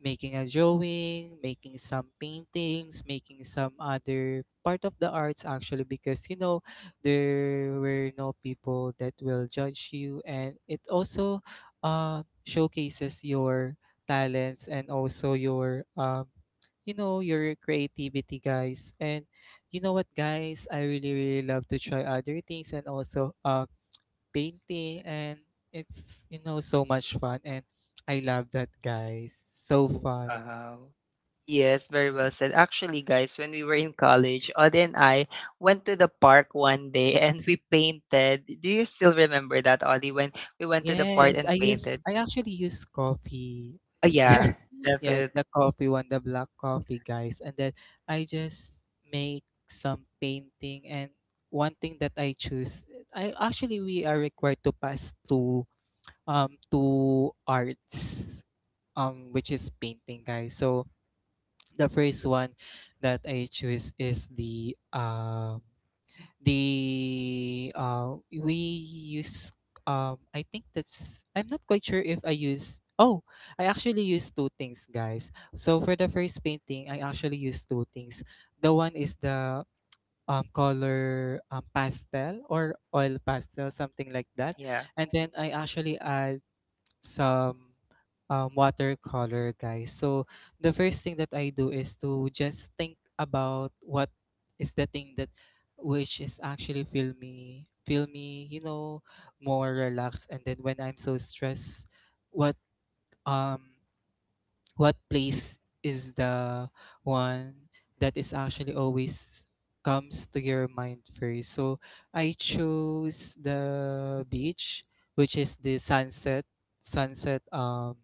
[SPEAKER 2] making a drawing, making some paintings, making some other part of the arts actually because, you know, there were no people that will judge you, and it also showcases your talents and also your, you know, your creativity, guys. And you know what, guys, I really really love to try other things, and also painting, and it's, you know, so much fun, and I love that, guys. So
[SPEAKER 1] Oh,
[SPEAKER 2] fun.
[SPEAKER 1] wow. Yes, very well said. Actually, guys, when we were in college, Odd and I went to the park one day and we painted. Do you still remember that, Oddie, when we went to the park
[SPEAKER 2] Yes,
[SPEAKER 1] and
[SPEAKER 2] I use
[SPEAKER 1] painted?
[SPEAKER 2] I actually use coffee.
[SPEAKER 1] Oh, yeah,
[SPEAKER 2] Yeah. Yes,
[SPEAKER 1] definitely.
[SPEAKER 2] the coffee one, the black coffee guys. And then I just make some painting and one thing that I choose I actually we are required to pass to arts, which is painting guys. So the first one that I choose is the we use, I think that's I'm not quite sure if I use. Oh, I actually use two things guys. So for the first painting I actually use two things. The one is the color, pastel or oil pastel, something like that, and then I actually add some, watercolor, guys. So the first thing that I do is to just think about what is the thing that which is actually feel me, you know, more relaxed. And then when I'm so stressed, what, um what place is the one that is actually always comes to your mind first. So I chose the beach, which is the sunset, sunset, um,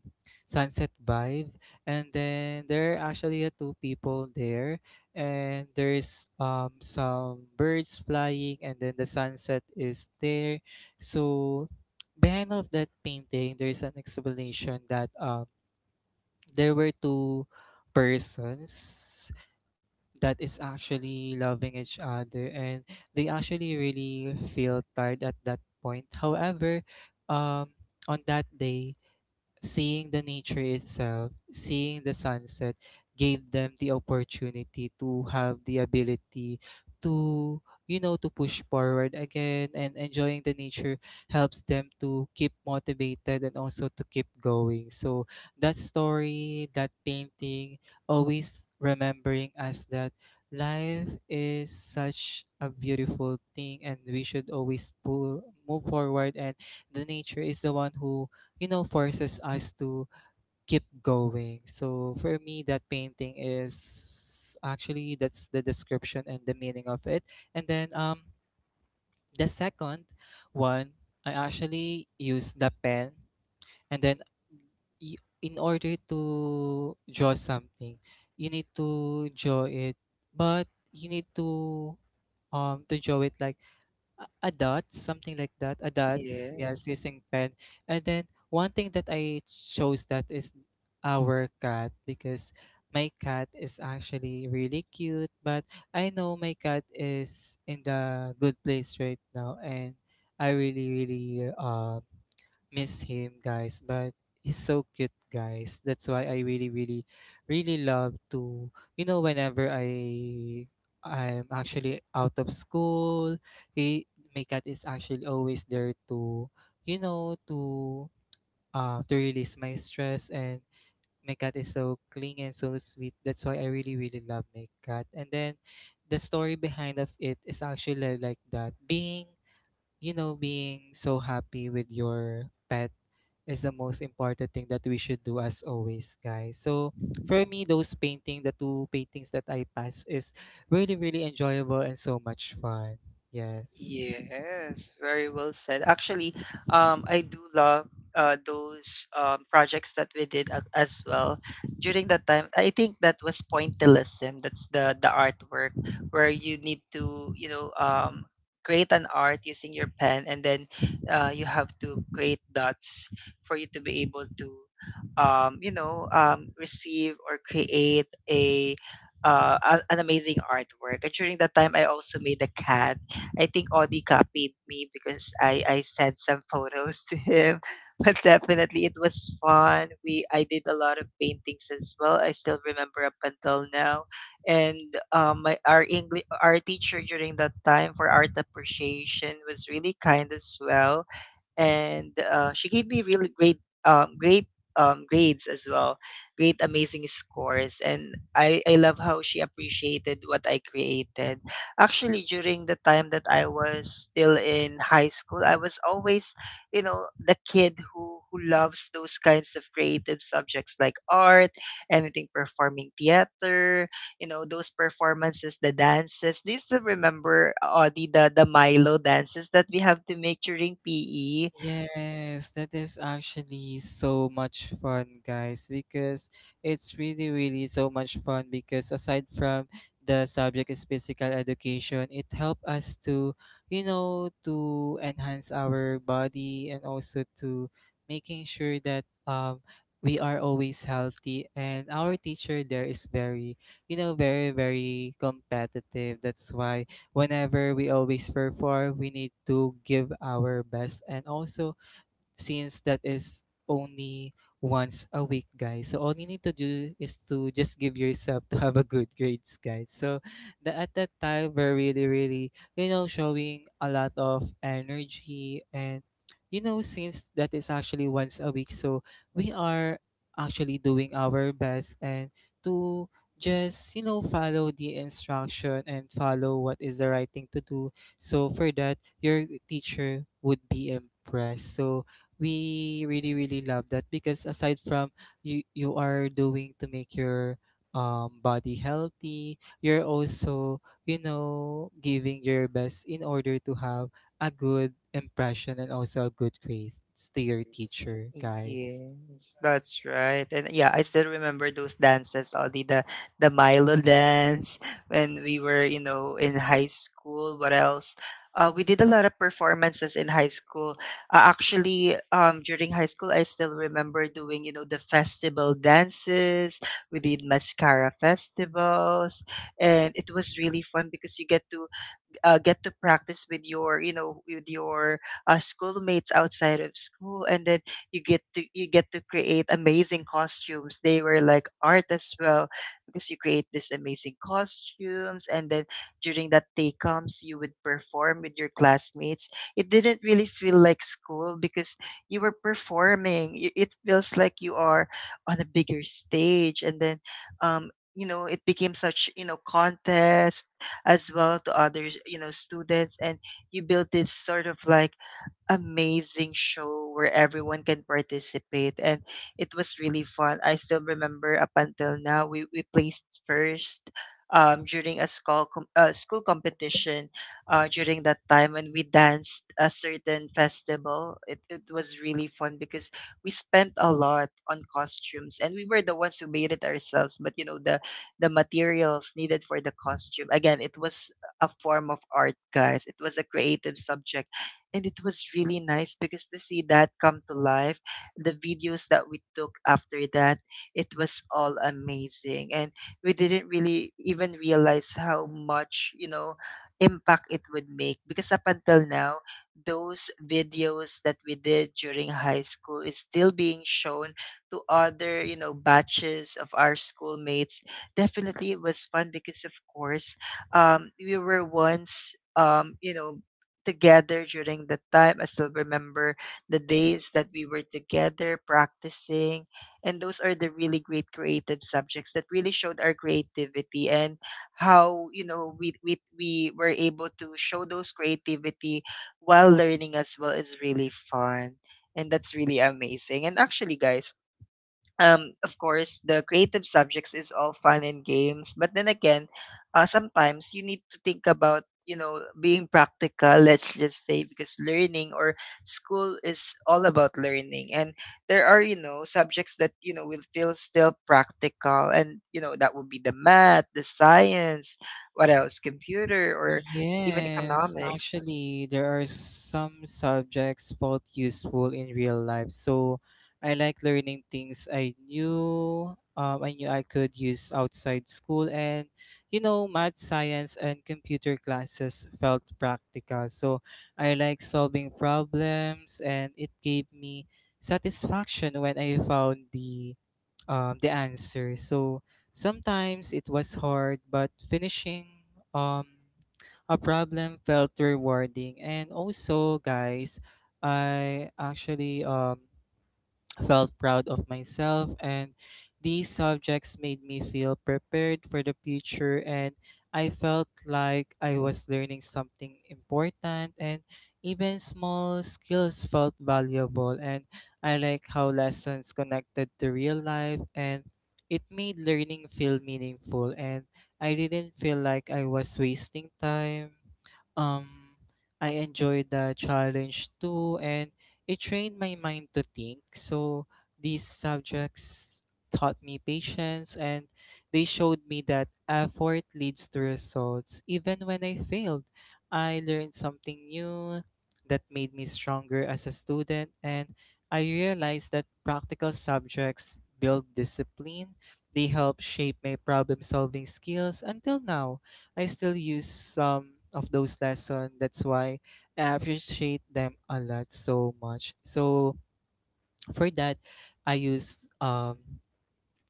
[SPEAKER 2] sunset vibe. And then there are actually, two people there, and there's some birds flying, and then the sunset is there. So behind of that painting, there is an explanation that there were two persons that is actually loving each other and they actually really feel tired at that point. However, um on that day, seeing the nature itself, seeing the sunset, gave them the opportunity to have the ability to, you know, to push forward again. And enjoying the nature helps them to keep motivated and also to keep going. So that story, that painting, always remembering us that life is such a beautiful thing and we should always pull, move forward and the nature is the one who, you know, forces us to keep going. So for me that painting is actually, that's the description and the meaning of it. And then the second one, I actually use the pen, and then y- in order to draw something you need to draw it, but you need to, to draw it like a dot, something like that, a dots,
[SPEAKER 1] Yeah.
[SPEAKER 2] yes, using pen. And then one thing that I chose that is our cat, because my cat is actually really cute, but I know my cat is in the good place right now, and I really, really miss him, guys, but he's so cute, guys. That's why I really, really, really love to, you know, whenever I'm actually out of school, he my cat is actually always there to, you know, to release my stress, and my cat is so clean and so sweet. That's why I really, really love my cat. And then the story behind of it is actually like that. Being, you know, being so happy with your pet is the most important thing that we should do as always, guys. So for me, those painting, the two paintings that I passed, is really, really enjoyable and so much fun. Yes.
[SPEAKER 1] Yes, very well said. Actually, I do love those projects that we did as well during that time. I think that was pointillism. That's the artwork where you need to, you know, create an art using your pen, and then you have to create dots for you to be able to, receive or create a. An amazing artwork. And during that time, I also made a cat. I think Audi copied me, because I sent some photos to him. But definitely it was fun. We I did a lot of paintings as well. I still remember up until now. And my our English, our teacher during that time for art appreciation, was really kind as well. And she gave me really great, grades as well, great amazing scores. And I love how she appreciated what I created. Actually, during the time that I was still in high school, I was always, you know, the kid who loves those kinds of creative subjects like art, anything performing, theater, you know, those performances, the dances. Do you still remember, Audie, the Milo dances that we have to make during PE?
[SPEAKER 2] Yes, that is actually so much fun, guys, because it's really, really so much fun. Because aside from the subject is physical education, it helped us to, you know, to enhance our body and also to making sure that we are always healthy, and our teacher there is very, you know, very, very competitive. That's why whenever we always perform, we need to give our best, and also since that is only once a week, guys. So all you need to do is to just give yourself to have a good grades, guys. So at that time, we're really, really, you know, showing a lot of energy and you know, since that is actually once a week, so we are actually doing our best and to just you know follow the instruction and follow what is the right thing to do. So for that your teacher would be impressed. So we really really love that because aside from you are doing to make your body healthy, you're also, you know, giving your best in order to have a good impression and also a good grades to your teacher guys.
[SPEAKER 1] Yes, that's right. And yeah, I still remember those dances, all the Milo dance when we were, you know, in high school. What else? We did a lot of performances in high school. During high school, I still remember doing, you know, the festival dances. We did mascara festivals, and it was really fun because you get to, get to practice with your, you know, with your schoolmates outside of school. And then you get to create amazing costumes. They were like art as well, because you create these amazing costumes, and then during that day comes, you would perform with your classmates. It didn't really feel like school, because you were performing. It feels like you are on a bigger stage. And then you know, it became such, you know, contest as well to other, you know, students. And you build this sort of like amazing show where everyone can participate, and it was really fun. I still remember up until now, we placed first, during a school competition during that time. And we danced a certain festival. It it, was really fun, because we spent a lot on costumes, and we were the ones who made it ourselves. But you know, the materials needed for the costume, again, it was a form of art, guys. It was a creative subject. And it was really nice because, to see that come to life, the videos that we took after that, it was all amazing. And we didn't really even realize how much, you know, impact it would make, because up until now those videos that we did during high school is still being shown to other, you know, batches of our schoolmates. Definitely it was fun because of course, we were once, you know, together during that time. I still remember the days that we were together practicing. And those are the really great creative subjects that really showed our creativity and how, you know, we were able to show those creativity while learning as well is really fun. And that's really amazing. And actually, guys, of course, the creative subjects is all fun and games. But then again, sometimes you need to think about, you know, being practical, let's just say, because learning or school is all about learning. And there are, you know, subjects that, you know, will feel still practical. And, you know, that would be the math, the science, what else, computer, or even
[SPEAKER 2] Yes,
[SPEAKER 1] economics.
[SPEAKER 2] actually, there are some subjects both useful in real life. So I like learning things I knew, I knew I could use outside school, and you know, math, science, and computer classes felt practical. So I like solving problems, and it gave me satisfaction when I found the, the answer. So sometimes it was hard, but finishing, um, a problem felt rewarding. And also, guys, I actually felt proud of myself, and these subjects made me feel prepared for the future, and I felt like I was learning something important, and even small skills felt valuable, and I like how lessons connected to real life, and it made learning feel meaningful, and I didn't feel like I was wasting time. um I enjoyed the challenge too, and it trained my mind to think. So these subjects taught me patience, and they showed me that effort leads to results. Even when I failed, I learned something new that made me stronger as a student, and I realized that practical subjects build discipline. They help shape my problem solving skills. Until now, I still use some of those lessons. That's why I appreciate them a lot so much. So for that, I use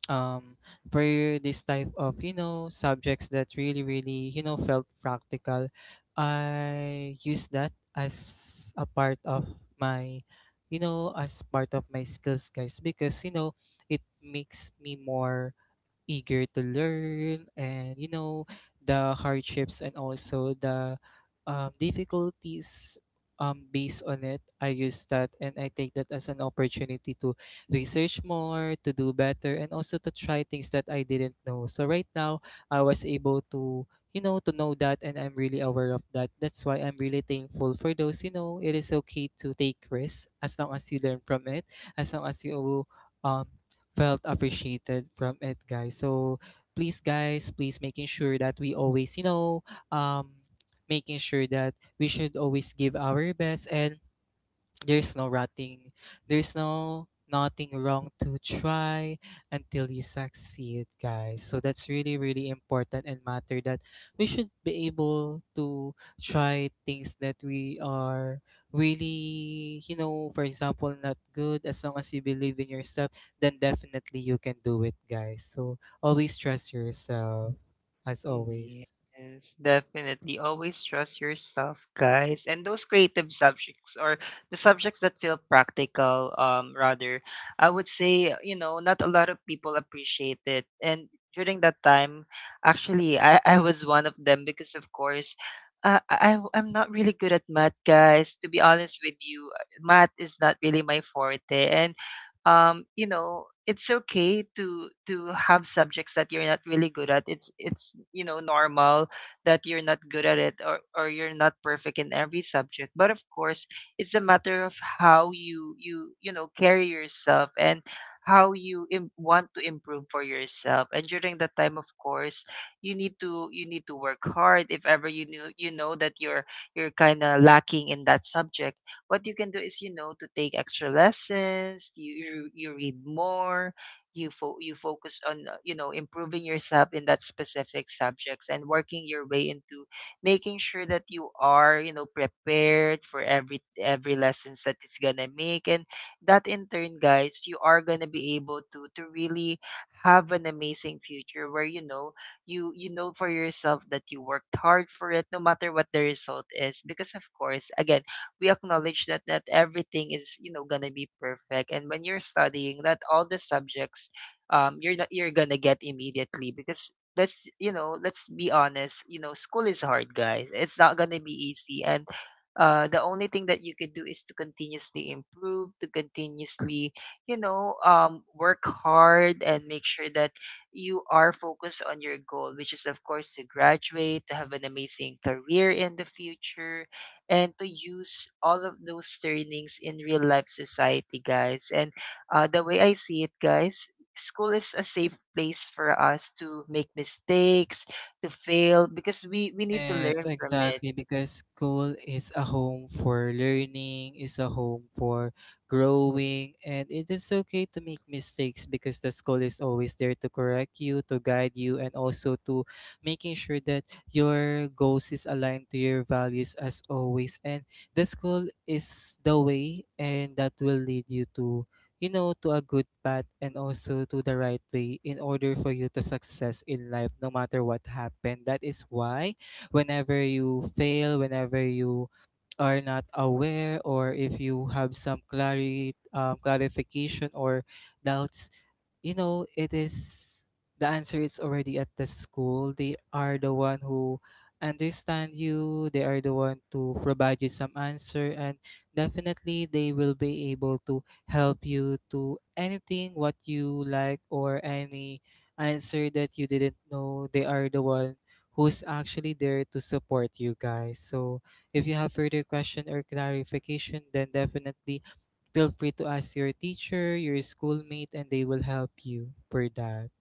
[SPEAKER 2] um for this type of you know subjects that really really you know felt practical. I use that as a part of my, you know, as part of my skills guys, because you know it makes me more eager to learn, and you know the hardships and also the, difficulties, based on it, I use that and I take that as an opportunity to research more, to do better, and also to try things that I didn't know. So right now I was able to, you know, to know that, and I'm really aware of that. That's why I'm really thankful for those. You know, it is okay to take risks as long as you learn from it, as long as you, um felt appreciated from it, guys. So please guys, please making sure that we always, you know, um making sure that we should always give our best, and there's no rotting, there's no nothing wrong to try until you succeed, guys. So that's really, really important and matter, that we should be able to try things that we are really, you know, for example, not good. As long as you believe in yourself, then definitely you can do it, guys. So always trust yourself, as always.
[SPEAKER 1] Yes, definitely. Always trust yourself, guys. And those creative subjects or the subjects that feel practical, rather, I would say, you know, not a lot of people appreciate it. And during that time, actually, I was one of them, because, of course, I'm not really good at math, guys. To be honest with you, math is not really my forte. And you know, it's okay to have subjects that you're not really good at. It's you know, normal that you're not good at it, or you're not perfect in every subject. But of course, it's a matter of how you, know, carry yourself and how you, want to improve for yourself. And during that time, of course, you need to work hard. If ever you know, you know that you're kind of lacking in that subject, what you can do is, you know, to take extra lessons, you, you read more, you focus on, you know, improving yourself in that specific subjects and working your way into making sure that you are, you know, prepared for every lessons that it's going to make. And that in turn, guys, you are going to be able to really have an amazing future where you know, you know for yourself that you worked hard for it no matter what the result is. Because of course, again, we acknowledge that not everything is, you know, gonna be perfect. And when you're studying, not all the subjects, you're not, you're gonna get immediately, because let's, you know, let's be honest, you know, school is hard, guys. It's not gonna be easy. And the only thing that you could do is to continuously improve, to continuously, you know, work hard, and make sure that you are focused on your goal, which is of course to graduate, to have an amazing career in the future, and to use all of those trainings in real life society, guys. And the way I see it, guys, school is a safe place for us to make mistakes, to fail, because we need to
[SPEAKER 2] Yes,
[SPEAKER 1] learn from it.
[SPEAKER 2] exactly. Because school is a home for learning, is a home for growing, and it is okay to make mistakes because the school is always there to correct you, to guide you, and also to making sure that your goals is aligned to your values as always. And the school is the way, and that will lead you to, you know, to a good path and also to the right way in order for you to success in life no matter what happened. That is why whenever you fail, whenever you are not aware, or if you have some clarification or doubts, you know, it is, the answer is already at the school. They are the one who understand you, they are the one to provide you some answer, and definitely they will be able to help you to anything what you like, or any answer that you didn't know, they are the one who's actually there to support you guys. So if you have further question or clarification, then definitely feel free to ask your teacher, your schoolmate, and they will help you for that.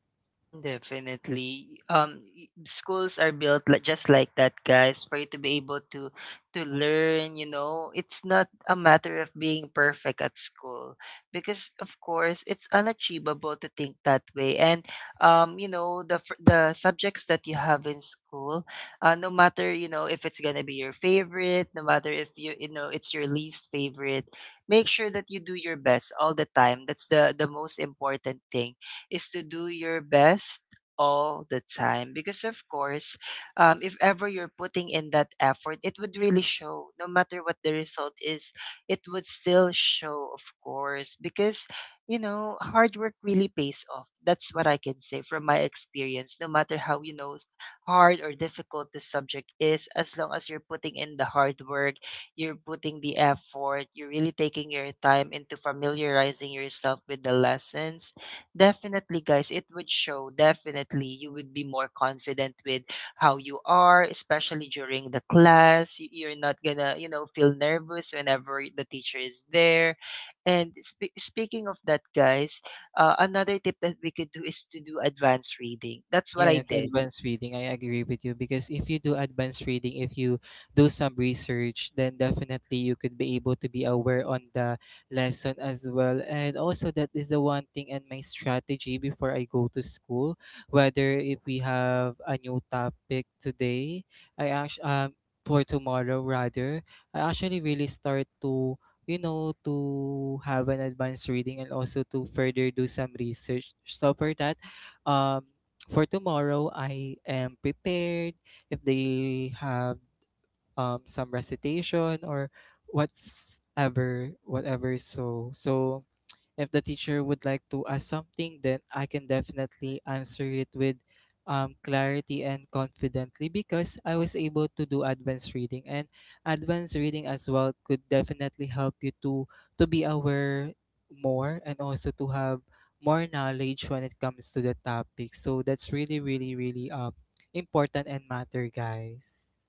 [SPEAKER 1] Mm, definitely. Schools are built like just like that, guys, for you to be able to learn. You know, it's not a matter of being perfect at school, because, of course, it's unachievable to think that way. And you know, the subjects that you have in school, no matter, you know, if it's gonna be your favorite, no matter if you, you know, it's your least favorite, make sure that you do your best all the time. That's the most important thing, is to do your best all the time. Because of course, if ever you're putting in that effort, it would really show no matter what the result is. It would still show of course, because you know, hard work really pays off. That's what I can say from my experience. No matter how, you know, hard or difficult the subject is, as long as you're putting in the hard work, you're putting the effort, you're really taking your time into familiarizing yourself with the lessons. Definitely, guys, it would show. Definitely, you would be more confident with how you are, especially during the class. You're not gonna, you know, feel nervous whenever the teacher is there. And speaking of that, guys, another tip that we could do is to do advanced reading. That's what I
[SPEAKER 2] Yes,
[SPEAKER 1] did.
[SPEAKER 2] advanced reading. I agree with you, because if you do advanced reading, if you do some research, then definitely you could be able to be aware on the lesson as well. And also, that is the one thing and my strategy before I go to school. Whether if we have a new topic today, I actually for tomorrow rather, I actually really start to, you know, to have an advanced reading and also to further do some research. So for that, um for tomorrow I am prepared if they have some recitation or what's ever whatever. So so if the teacher would like to ask something, then I can definitely answer it with, clarity and confidently, because I was able to do advanced reading, and advanced reading as well could definitely help you to be aware more and also to have more knowledge when it comes to the topic. So that's really, really, really important and matter, guys.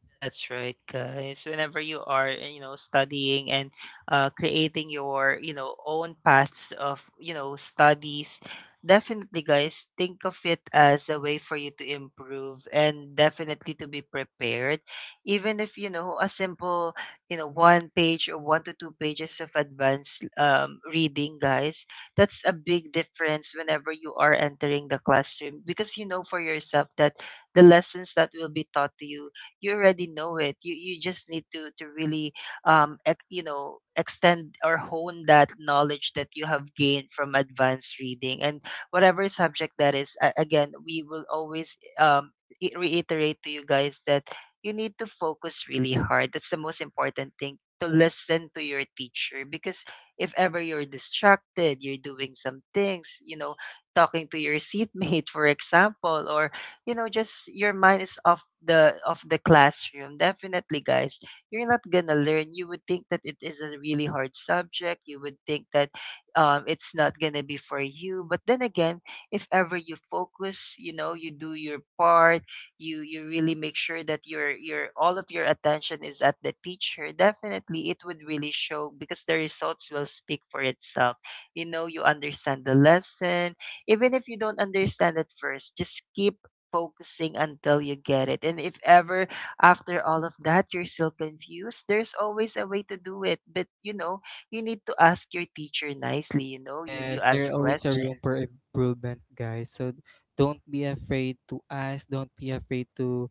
[SPEAKER 1] That's right, guys. Whenever you are, you know, studying and creating your, you know, own paths of, you know, studies, definitely, guys, think of it as a way for you to improve and definitely to be prepared. Even if, you know, a simple, you know, one page or one to two pages of advanced reading, guys, that's a big difference whenever you are entering the classroom, because you know for yourself that the lessons that will be taught to you, you already know it. You just need to really you know, extend or hone that knowledge that you have gained from advanced reading, and whatever subject that is. Again, we will always reiterate to you guys that you need to focus really hard. That's the most important thing, to listen to your teacher. Because if ever you're distracted, you're doing some things, you know, talking to your seatmate, for example, or you know, just your mind is off the of the classroom, definitely guys, you're not gonna learn. You would think that it is a really hard subject, you would think that, it's not gonna be for you. But then again, if ever you focus, you know, you do your part, you really make sure that your, all of your attention is at the teacher, definitely it would really show, because the results will speak for itself. You know, you understand the lesson. Even if you don't understand at first, just keep focusing until you get it. And if ever after all of that you're still confused, there's always a way to do it. But you know, you need to ask your teacher nicely. You know, you
[SPEAKER 2] Yes, there
[SPEAKER 1] ask
[SPEAKER 2] always a room
[SPEAKER 1] questions.
[SPEAKER 2] for improvement, guys. So don't be afraid to ask. Don't be afraid to,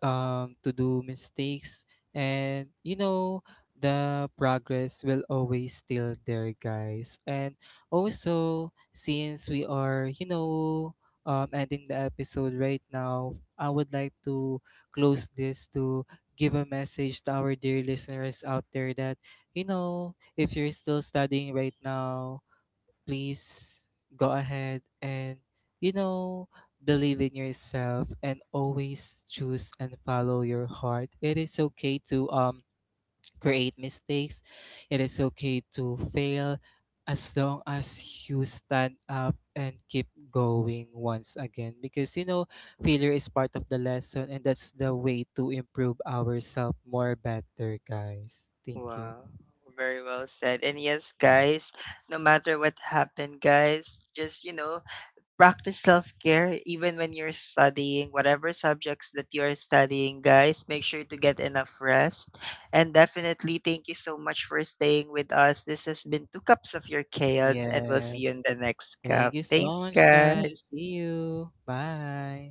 [SPEAKER 2] to do mistakes, and you know the progress will always still there, guys. And also, since we are, you know, ending the episode right now, I would like to close this, to give a message to our dear listeners out there, that you know, if you're still studying right now, please go ahead and, you know, believe in yourself and always choose and follow your heart. It is okay to create mistakes, it is okay to fail, as long as you stand up and keep going once again, because you know failure is part of the lesson, and that's the way to improve ourselves more better, guys. Thank you.
[SPEAKER 1] Wow. Very well said. And yes, guys, no matter what happened, guys, just you know, practice self-care. Even when you're studying whatever subjects that you're studying, guys, make sure to get enough rest. And definitely, thank you so much for staying with us. This has been Two Cups of Your Chaos, and we'll
[SPEAKER 2] Yes.
[SPEAKER 1] see you in the next
[SPEAKER 2] Thank
[SPEAKER 1] cup.
[SPEAKER 2] you so
[SPEAKER 1] Thanks,
[SPEAKER 2] much, you guys.
[SPEAKER 1] guys.
[SPEAKER 2] See you. Bye.